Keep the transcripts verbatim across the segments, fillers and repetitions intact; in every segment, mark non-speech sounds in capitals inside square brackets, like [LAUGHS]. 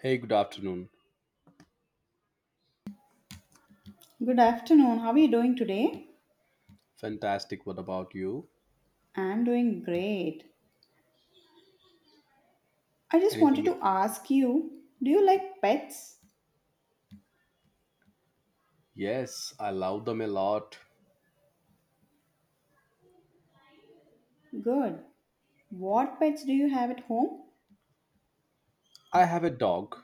Hey, good afternoon. Good afternoon. How are you doing today? Fantastic. What about you? I'm doing great. I just wanted to Anything? ask you do you like pets? Yes, I love them a lot. Good. What pets do you have at home? I have a dog.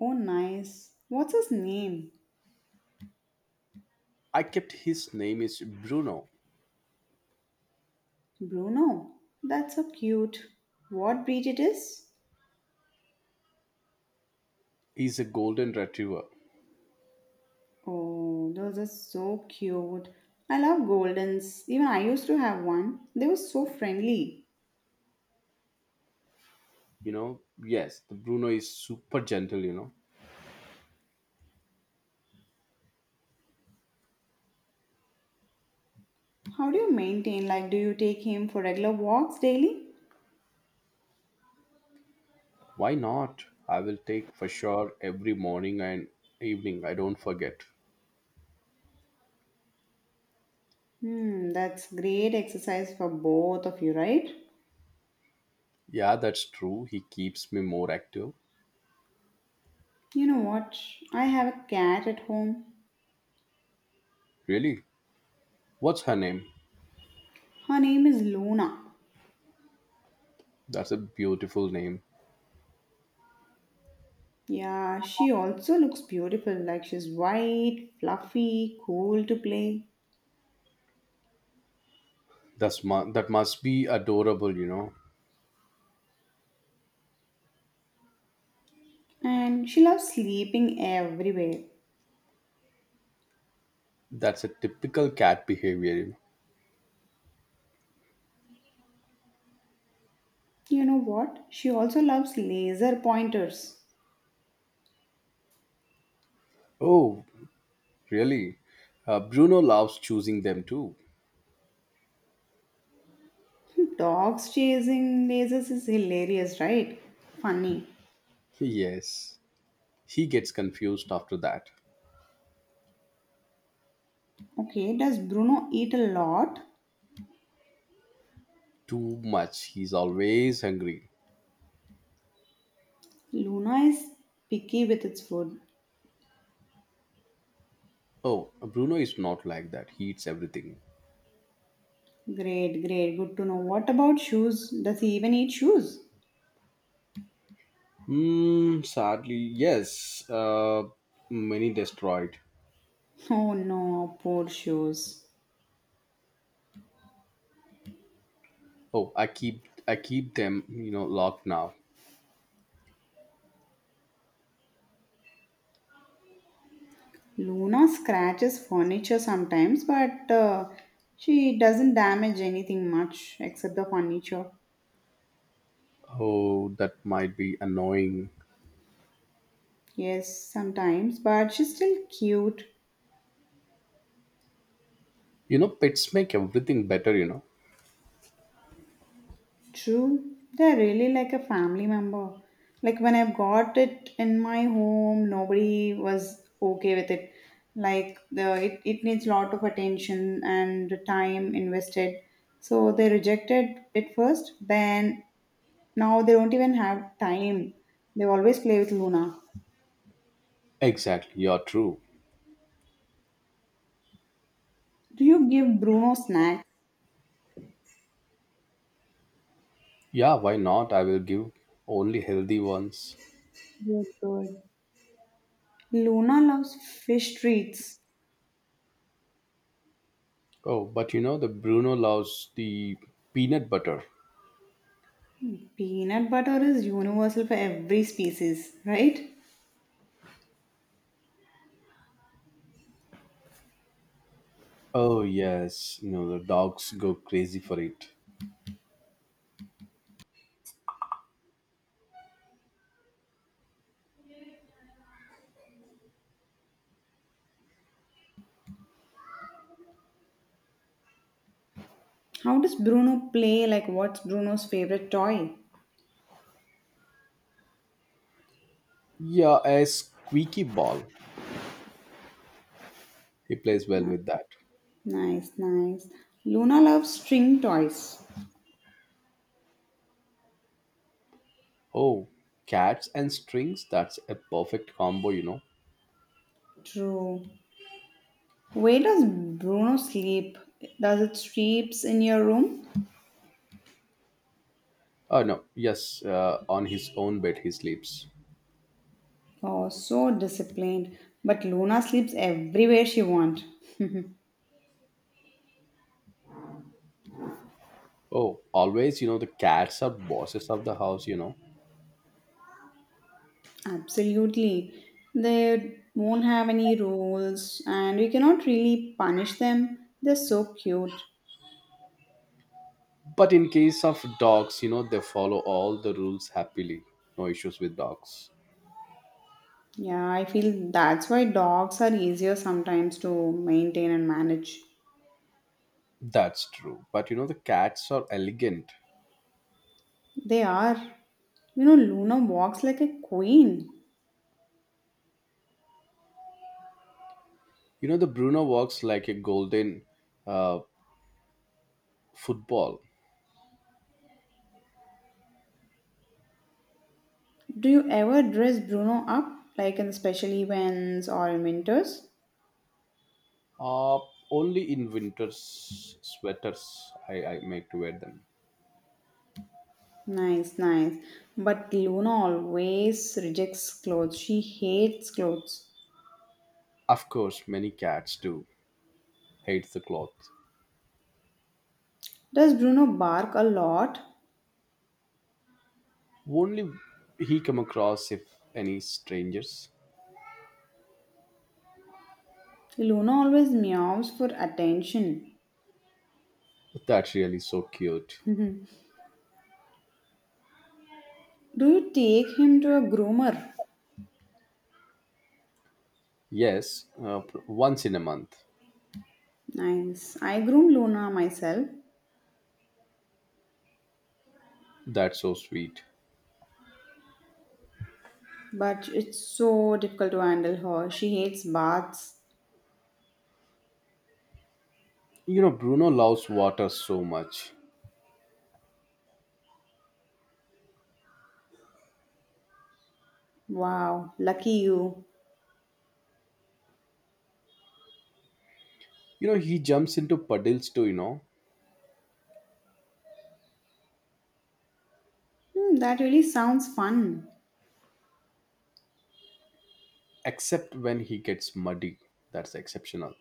Oh, nice. What's his name? I kept his name is Bruno. Bruno. That's so cute. What breed it is? He's a golden retriever. Oh, those are so cute. I love Goldens. Even I used to have one. They were so friendly. You know, yes, the Bruno is super gentle, you know. How do you maintain? Like, do you take him for regular walks daily? Why not? I will take for sure every morning and evening. I don't forget. Hmm, that's great exercise for both of you, right? Yeah, that's true. He keeps me more active. You know what? I have a cat at home. Really? What's her name? Her name is Luna. That's a beautiful name. Yeah, she also looks beautiful, like she's white, fluffy, cool to play. That's mu- that must be adorable, you know. And she loves sleeping everywhere. That's a typical cat behavior. You know what? She also loves laser pointers. Oh, really? Uh, Bruno loves choosing them too. [LAUGHS] [LAUGHS] Dogs chasing lasers is hilarious, right? Funny. Yes, he gets confused after that. Okay, does Bruno eat a lot? Too much. He's always hungry. Luna is picky with its food. Oh, Bruno is not like that. He eats everything. Great, great. Good to know. What about shoes? Does he even eat shoes? Hmm, sadly, yes. Uh, many destroyed. Oh no, poor shoes. Oh, I keep I keep them, you know, locked now. Luna scratches furniture sometimes, but uh, she doesn't damage anything much except the furniture. Oh, that might be annoying. Yes, sometimes, but she's still cute. You know, pets make everything better, you know. True, they're really like a family member. Like when I've got it in my home, nobody was okay with it. Like the it, it needs lot of attention and time invested. So they rejected it first, then now they don't even have time. They always play with Luna. Exactly, you're true. Do you give Bruno snacks? Yeah, why not? I will give only healthy ones. Good, good. Luna loves fish treats. Oh, but you know, the Bruno loves the peanut butter. Peanut butter is universal for every species, right? Oh, yes. You know, the dogs go crazy for it. How does Bruno play? Like, what's Bruno's favorite toy? Yeah, a squeaky ball. He plays well Ni- with that. Nice, nice. Luna loves string toys. Oh, cats and strings. That's a perfect combo, you know. True. Where does Bruno sleep? Does it sleeps in your room? Oh, no. Yes, uh, on his own bed he sleeps. Oh, so disciplined. But Luna sleeps everywhere she wants. Oh, always, you know, the cats are bosses of the house, you know. [LAUGHS] Absolutely. They won't have any rules and we cannot really punish them. They're so cute. But in case of dogs, you know, they follow all the rules happily. No issues with dogs. Yeah, I feel that's why dogs are easier sometimes to maintain and manage. That's true. But you know, the cats are elegant. They are. You know, Luna walks like a queen. You know, the Bruno walks like a golden uh, football. Do you ever dress Bruno up, like in special events or in winters? Uh, only in winters sweaters I, I make to wear them. Nice, nice. But Luna always rejects clothes. She hates clothes. Of course, many cats do hate the cloth. Does Bruno bark a lot? Only he come across if any strangers. Luna always meows for attention. That's really so cute. Do you take him to a groomer? Yes, uh, once in a month. Nice. I groom Luna myself. That's so sweet. But it's so difficult to handle her. She hates baths. You know, Bruno loves water so much. Wow, lucky you. You know, he jumps into puddles too, you know, Hmm, that really sounds fun. except when he gets muddy. That's exceptional.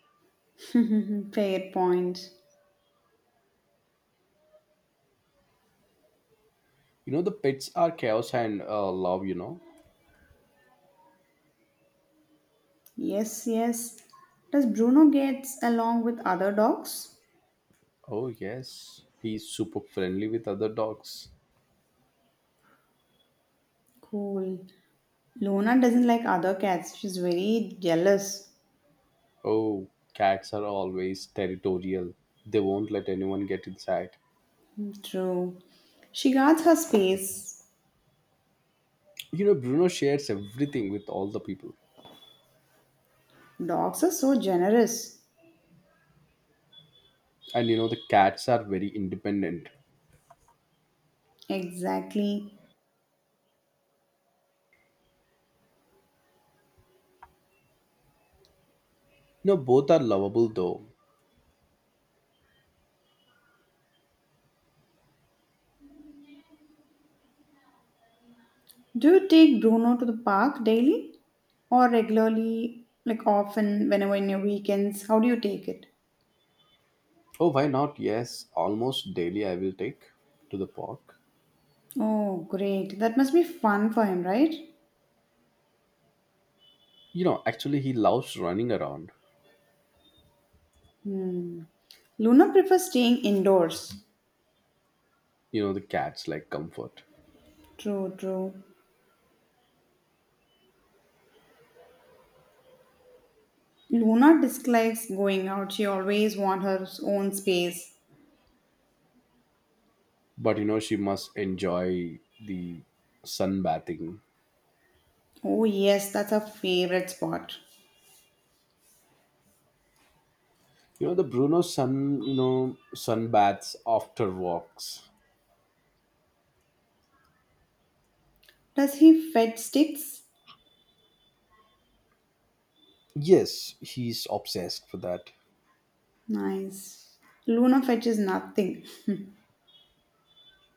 [LAUGHS] Fair point. You know, the pets are chaos and uh, love, you know. Yes, yes. Does Bruno gets along with other dogs? Oh, yes. He's super friendly with other dogs. Cool. Luna doesn't like other cats. She's very jealous. Oh, cats are always territorial. They won't let anyone get inside. Hmm, true. She guards her space. You know, Bruno shares everything with all the people. Dogs are so generous. And you know, the cats are very independent. Exactly. You know, both are lovable though. Do you take Bruno to the park daily or regularly, like often, whenever in your weekends? How do you take it? Oh, why not? Yes, almost daily I will take to the park. Oh, great. That must be fun for him, right? You know, actually, he loves running around. Hmm. Luna prefers staying indoors. You know, the cats like comfort. True, true. Luna dislikes going out. She always wants her own space. But you know, she must enjoy the sunbathing. Oh, yes, that's her favorite spot. You know, the Bruno sun, you know, sunbaths after walks. Does he fetch sticks? Yes, he's obsessed for that. Nice. Luna fetches nothing.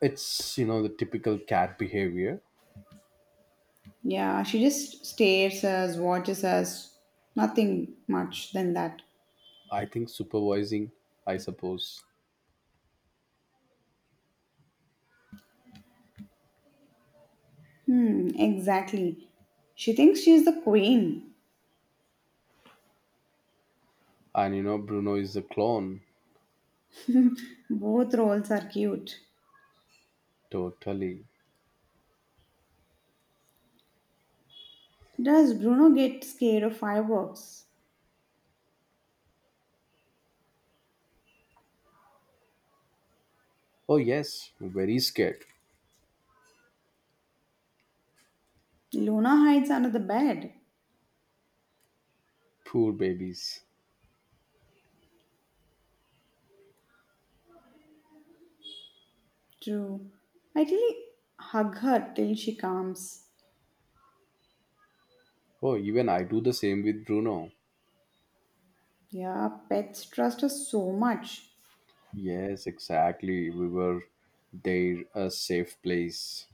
It's, you know, the typical cat behavior. Yeah, she just stares us, watches us, nothing much than that. I think supervising, I suppose. Hmm, exactly. She thinks she's the queen. And, you know, Bruno is a clone, Both roles are cute. totally. Does Bruno get scared of fireworks? Oh, yes, very scared. Luna hides under the bed. Poor babies. True. I really hug her till she calms. Oh, even I do the same with Bruno. Yeah, pets trust us so much. Yes, exactly. We were there, a safe place.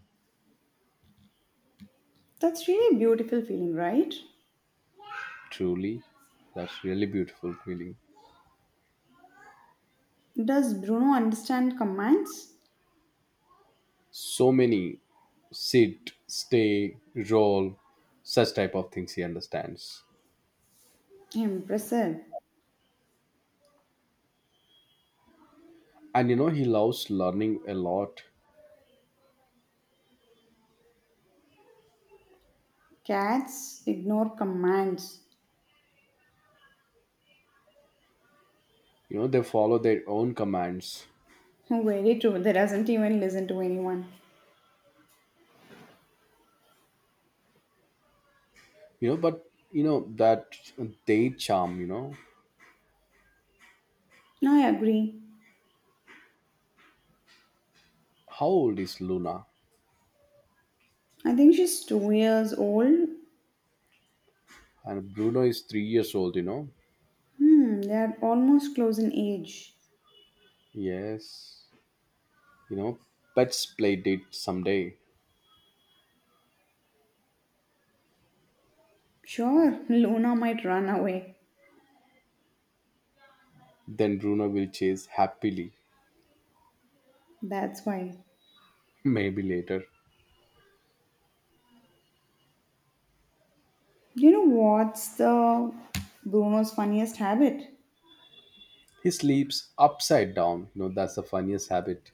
That's really a beautiful feeling, right? Truly, that's really beautiful feeling. Does Bruno understand commands? So many sit, stay, roll, such type of things he understands. Impressive. And you know, he loves learning a lot. Cats ignore commands. You know, they follow their own commands. [LAUGHS] Very true. They doesn't even listen to anyone. You know, but you know that they charm. You know, I agree. how old is Luna? I think she's two years old. And Bruno is three years old. You know, Hmm, they are almost close in age. Yes, you know, let's play date someday. Sure, [LAUGHS] Luna might run away. Then Bruno will chase happily, That's why. [LAUGHS] maybe later. You know what's the Bruno's funniest habit? He sleeps upside down. You know, that's the funniest habit.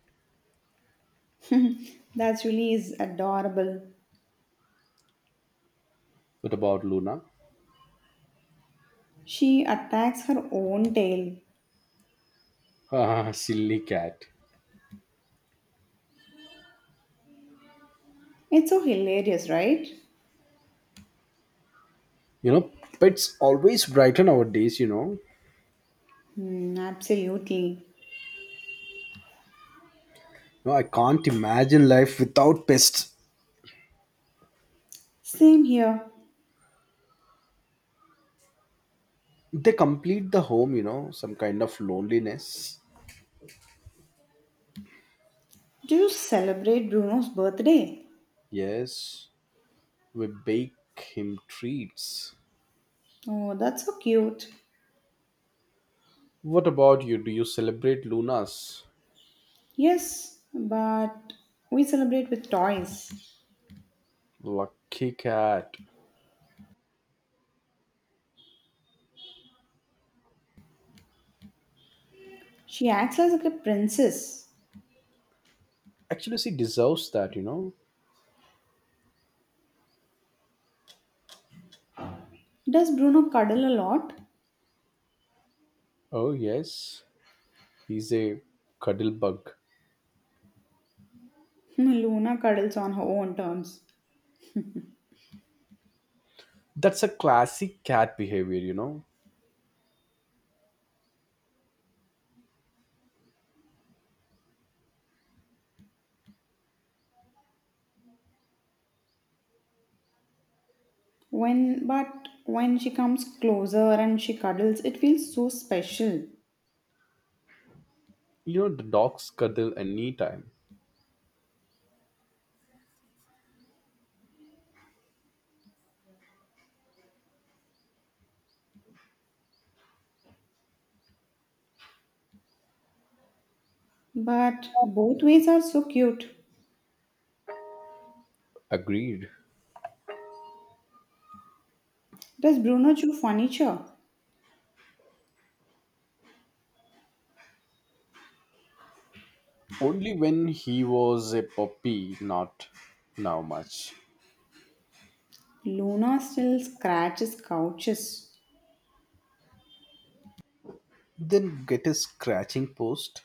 That's really is adorable. What about Luna? [LAUGHS] She attacks her own tail. Ah, silly cat. It's so hilarious, right? You know, pets always brighten our days, you know. Hmm, absolutely. No, I can't imagine life without pests. Same here. They complete the home, you know, some kind of loneliness. Do you celebrate Bruno's birthday? Yes, we bake him treats. Oh, that's so cute. What about you? Do you celebrate Luna's? Yes, but we celebrate with toys. Lucky cat. She acts as like a princess. Actually, she deserves that, you know. Does Bruno cuddle a lot? Oh, yes. He's a cuddle bug. [LAUGHS] Luna cuddles on her own terms. That's a classic cat behavior, you know. When but when she comes closer and she cuddles, it feels so special. You know, the dogs cuddle anytime. But both ways are so cute. Agreed. Does Bruno chew furniture? Only when he was a puppy, not now much. Luna still scratches couches. Then get a scratching post.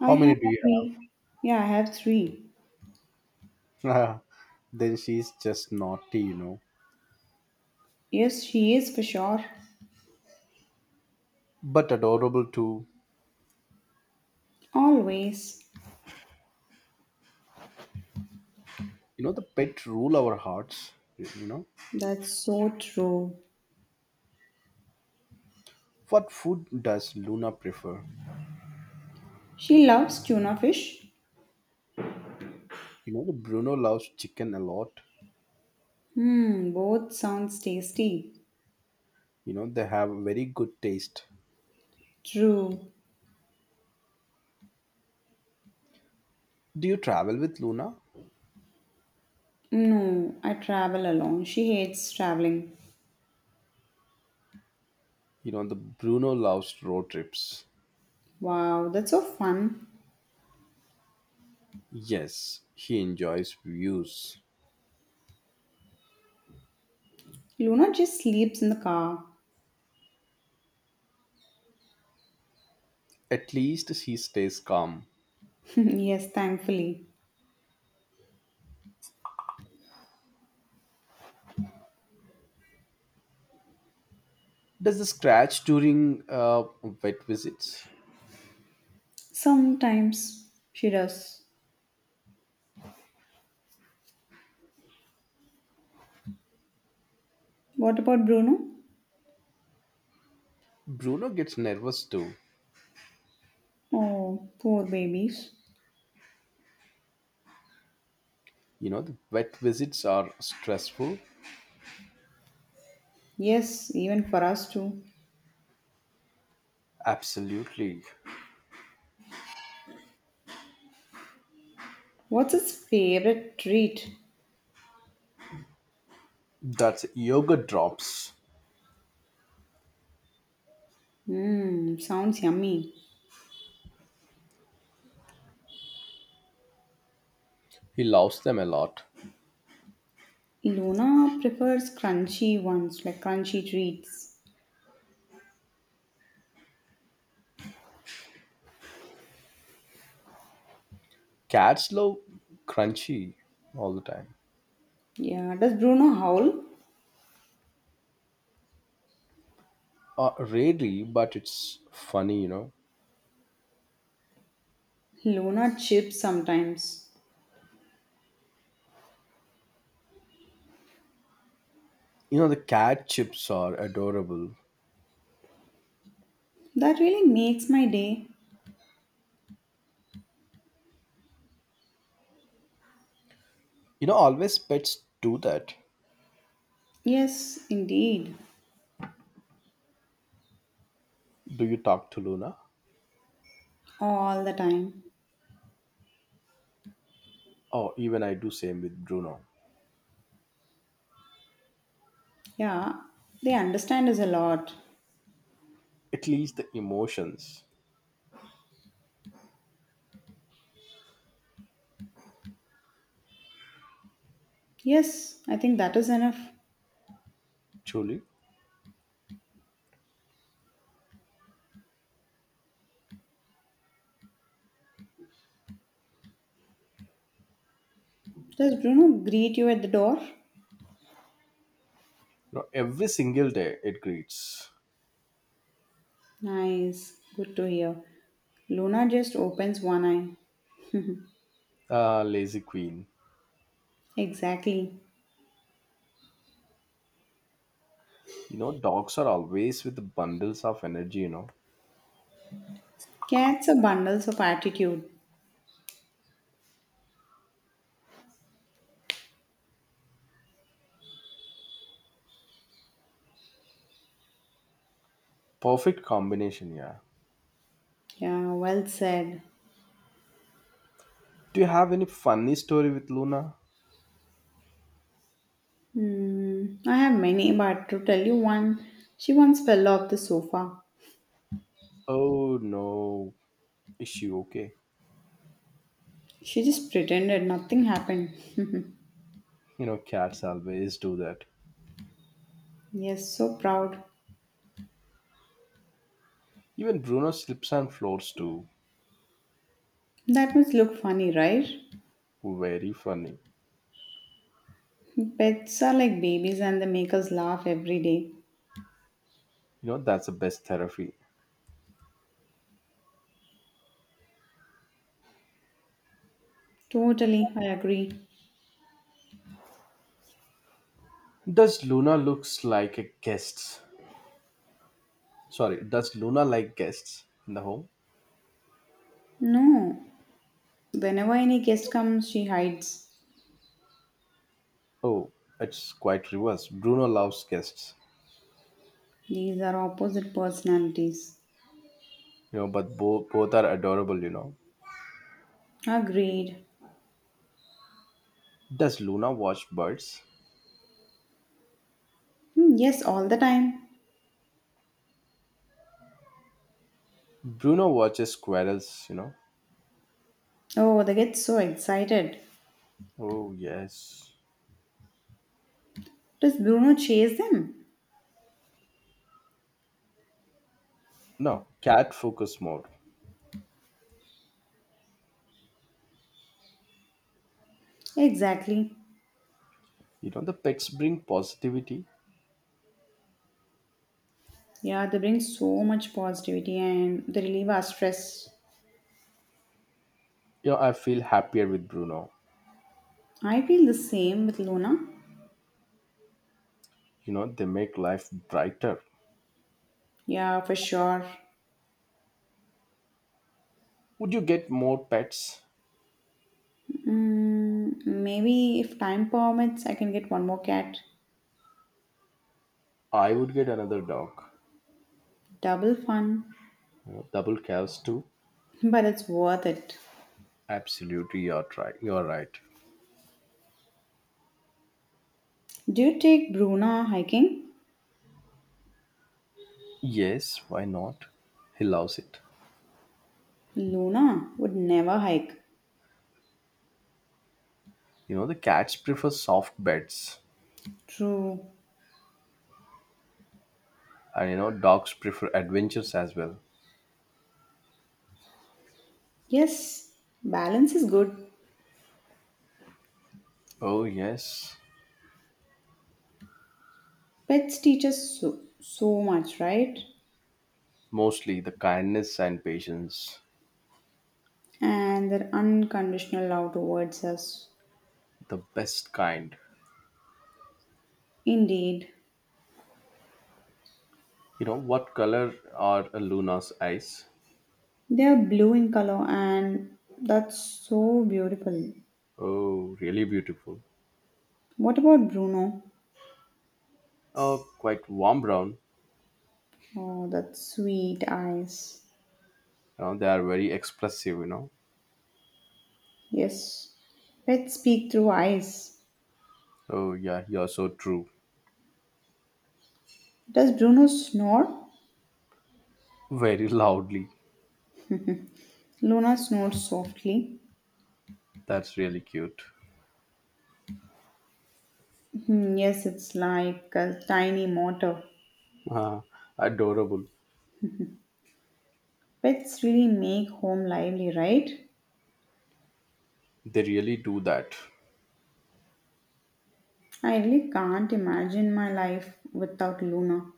I How many have do you three. Yeah, I have three. have? [LAUGHS] Then she's just naughty, you know. Yes, she is for sure. But adorable too. Always. You know, the pet rule our hearts, you know. That's so true. What food does Luna prefer? She loves tuna fish. You know, the Bruno loves chicken a lot. Hmm, both sounds tasty. You know, they have very good taste. True. Do you travel with Luna? No, I travel alone. She hates traveling. You know, the Bruno loves road trips. Wow, that's so fun. Yes, he enjoys views. Luna just sleeps in the car. At least he stays calm. [LAUGHS] Yes, thankfully. Does the scratch during uh, vet visits? Sometimes she does. What about Bruno? Bruno gets nervous too. Oh, poor babies. You know, the vet visits are stressful. Yes, even for us too. Absolutely. What's its favorite treat? That's yoga drops. Mmm, sounds yummy. He loves them a lot. Luna prefers crunchy ones, like crunchy treats. Cats love crunchy all the time. Yeah, does Bruno howl? Uh, rarely, but it's funny, you know. Luna chips sometimes. You know, the cat chips are adorable. That really makes my day. You know, always pets do that. Yes, indeed. Do you talk to Luna? All the time. Oh, even I do same with Bruno. Yeah, they understand us a lot. At least the emotions, Yes, I think that is enough. truly. You Does Bruno greet you at the door? know, every single day it greets. Nice. Good to hear. Luna just opens one eye. Ah, lazy queen. Exactly. You know, dogs are always with bundles of energy, you know. Cats are bundles of attitude. Perfect combination, yeah. Yeah, well said. Do you have any funny story with Luna? Hmm, I have many, but to tell you one, she once fell off the sofa. Oh no, is she okay? She just pretended nothing happened. You know, cats always do that. [LAUGHS] Yes, so proud. Even Bruno slips on floors too. That must look funny, right? Very funny. Pets are like babies and they make us laugh every day. You know, that's the best therapy. Totally, I agree. Does Luna looks like a guest? Sorry, does Luna like guests in the home? No, whenever any guest comes, she hides. Oh, it's quite reverse. Bruno loves guests. These are opposite personalities. You know, but both both are adorable, you know. Agreed. Does Luna watch birds? Hmm, yes, all the time. Bruno watches squirrels, you know. Oh, they get so excited. Oh yes. Does Bruno chase them? No, cat focus mode. Exactly. You know the pets bring positivity. Yeah, they bring so much positivity and they relieve our stress. Yeah, I feel happier with Bruno. I feel the same with Luna. You know, they make life brighter. Yeah, for sure. Would you get more pets? Mm, maybe if time permits, I can get one more cat. I would get another dog. Double fun, You know, double cows too. but it's worth it. Absolutely, you're right. You're right. Do you take Bruna hiking? Yes, why not? He loves it. Luna would never hike. You know, the cats prefer soft beds, True. and you know, dogs prefer adventures as well. Yes, balance is good. Oh yes, Pets teach us so, so much, right? mostly the kindness and patience, And their unconditional love towards us. the best kind. Indeed. You know, what color are Luna's eyes? They are blue in color and that's so beautiful. Oh, really beautiful. What about Bruno? Uh, quite warm brown. Oh, that sweet eyes. You know, they are very expressive, you know. Yes, pets speak through eyes. Oh, yeah, you're so true. Does Bruno snore? Very [LAUGHS] loudly. Luna snored softly. That's really cute. Hmm, yes, it's like a tiny motor. Ah, adorable. Pets really make home lively, right? They really do that. I really can't imagine my life without Luna.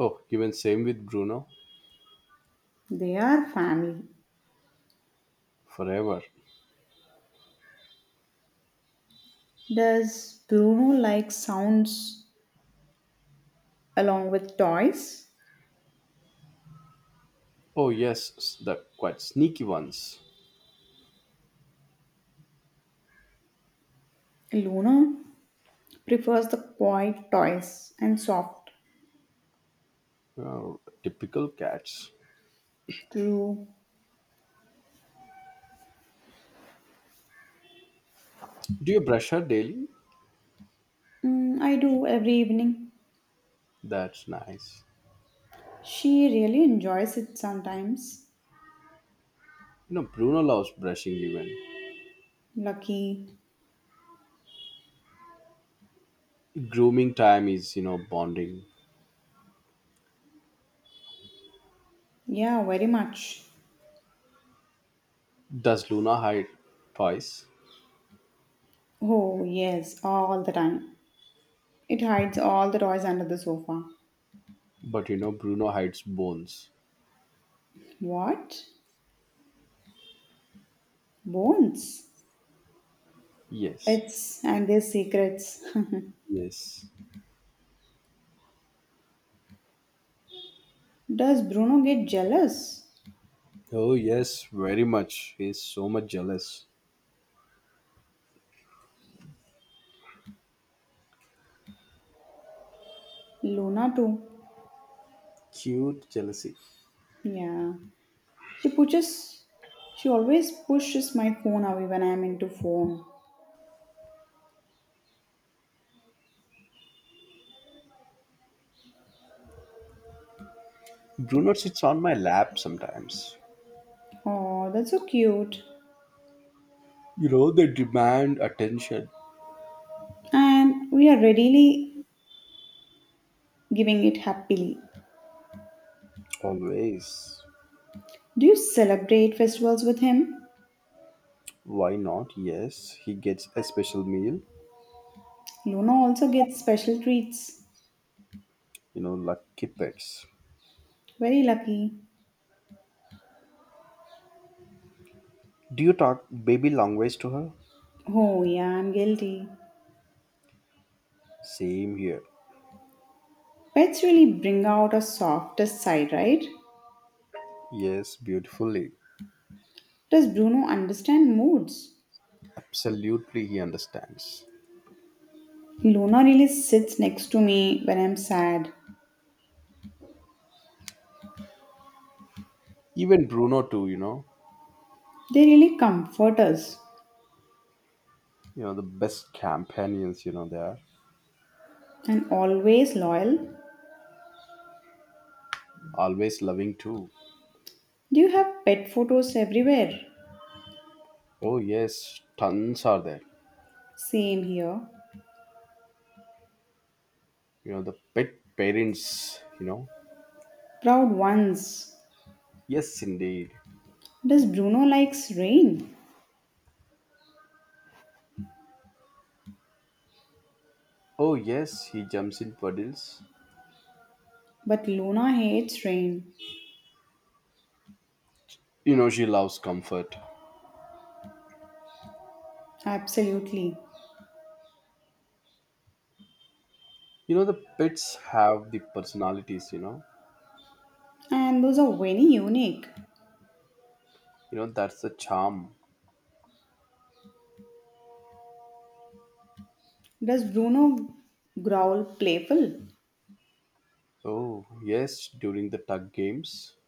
Oh, even same with Bruno. They are family. Forever. Does Bruno like sounds along with toys? Oh, yes, s- the quite sneaky ones. Luna prefers the quiet toys and soft. Oh, typical cats. True. Do you brush her daily? Mm, I do every evening. That's nice. She really enjoys it sometimes. You know, Bruno loves brushing even. Lucky. Grooming time is, you know, bonding. Yeah, very much. Does Luna hide toys? Oh, yes, all the time. It hides all the toys under the sofa. But you know, Bruno hides bones. What? Bones? Yes. Pets and their secrets. Yes. [LAUGHS] Does Bruno get jealous? Oh, yes, very much. He's so much jealous. Luna too. Cute jealousy. Yeah. She pushes she always pushes my phone away when I'm into phone. Bruno sits on my lap sometimes. Oh, that's so cute. You know, they demand attention. And we are readily giving it happily. Always. Do you celebrate festivals with him? Why not? Yes, he gets a special meal. Luna also gets special treats. You know, lucky pets. Very lucky. Do you talk baby long ways to her? Oh, yeah, I'm guilty. Same here. Pets really bring out our softest side, right? Yes, beautifully. Does Bruno understand moods? Absolutely, he understands. Luna really sits next to me when I'm sad. Even Bruno, too, you know. They really comfort us You know, the best companions, you know, they are and always loyal. always loving too. Do you have pet photos everywhere? Oh, yes, tons are there. Same here. You know, the pet parents, you know. Proud ones. Yes, indeed. Does Bruno likes rain? Oh, yes, he jumps in puddles. But Luna hates rain. You know, she loves comfort. Absolutely. You know, the pets have the personalities, you know. And those are very unique. You know, that's the charm. Does Bruno growl playful? Oh, yes, during the tug games.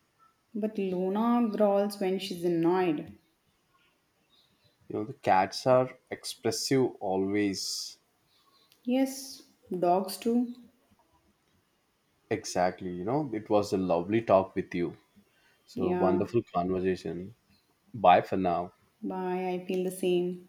But Luna growls when she's annoyed. You know, the cats are expressive always. Yes, dogs do. Exactly. You know, it was a lovely talk with you. So, Yeah, wonderful conversation. Bye for now. bye. I feel the same.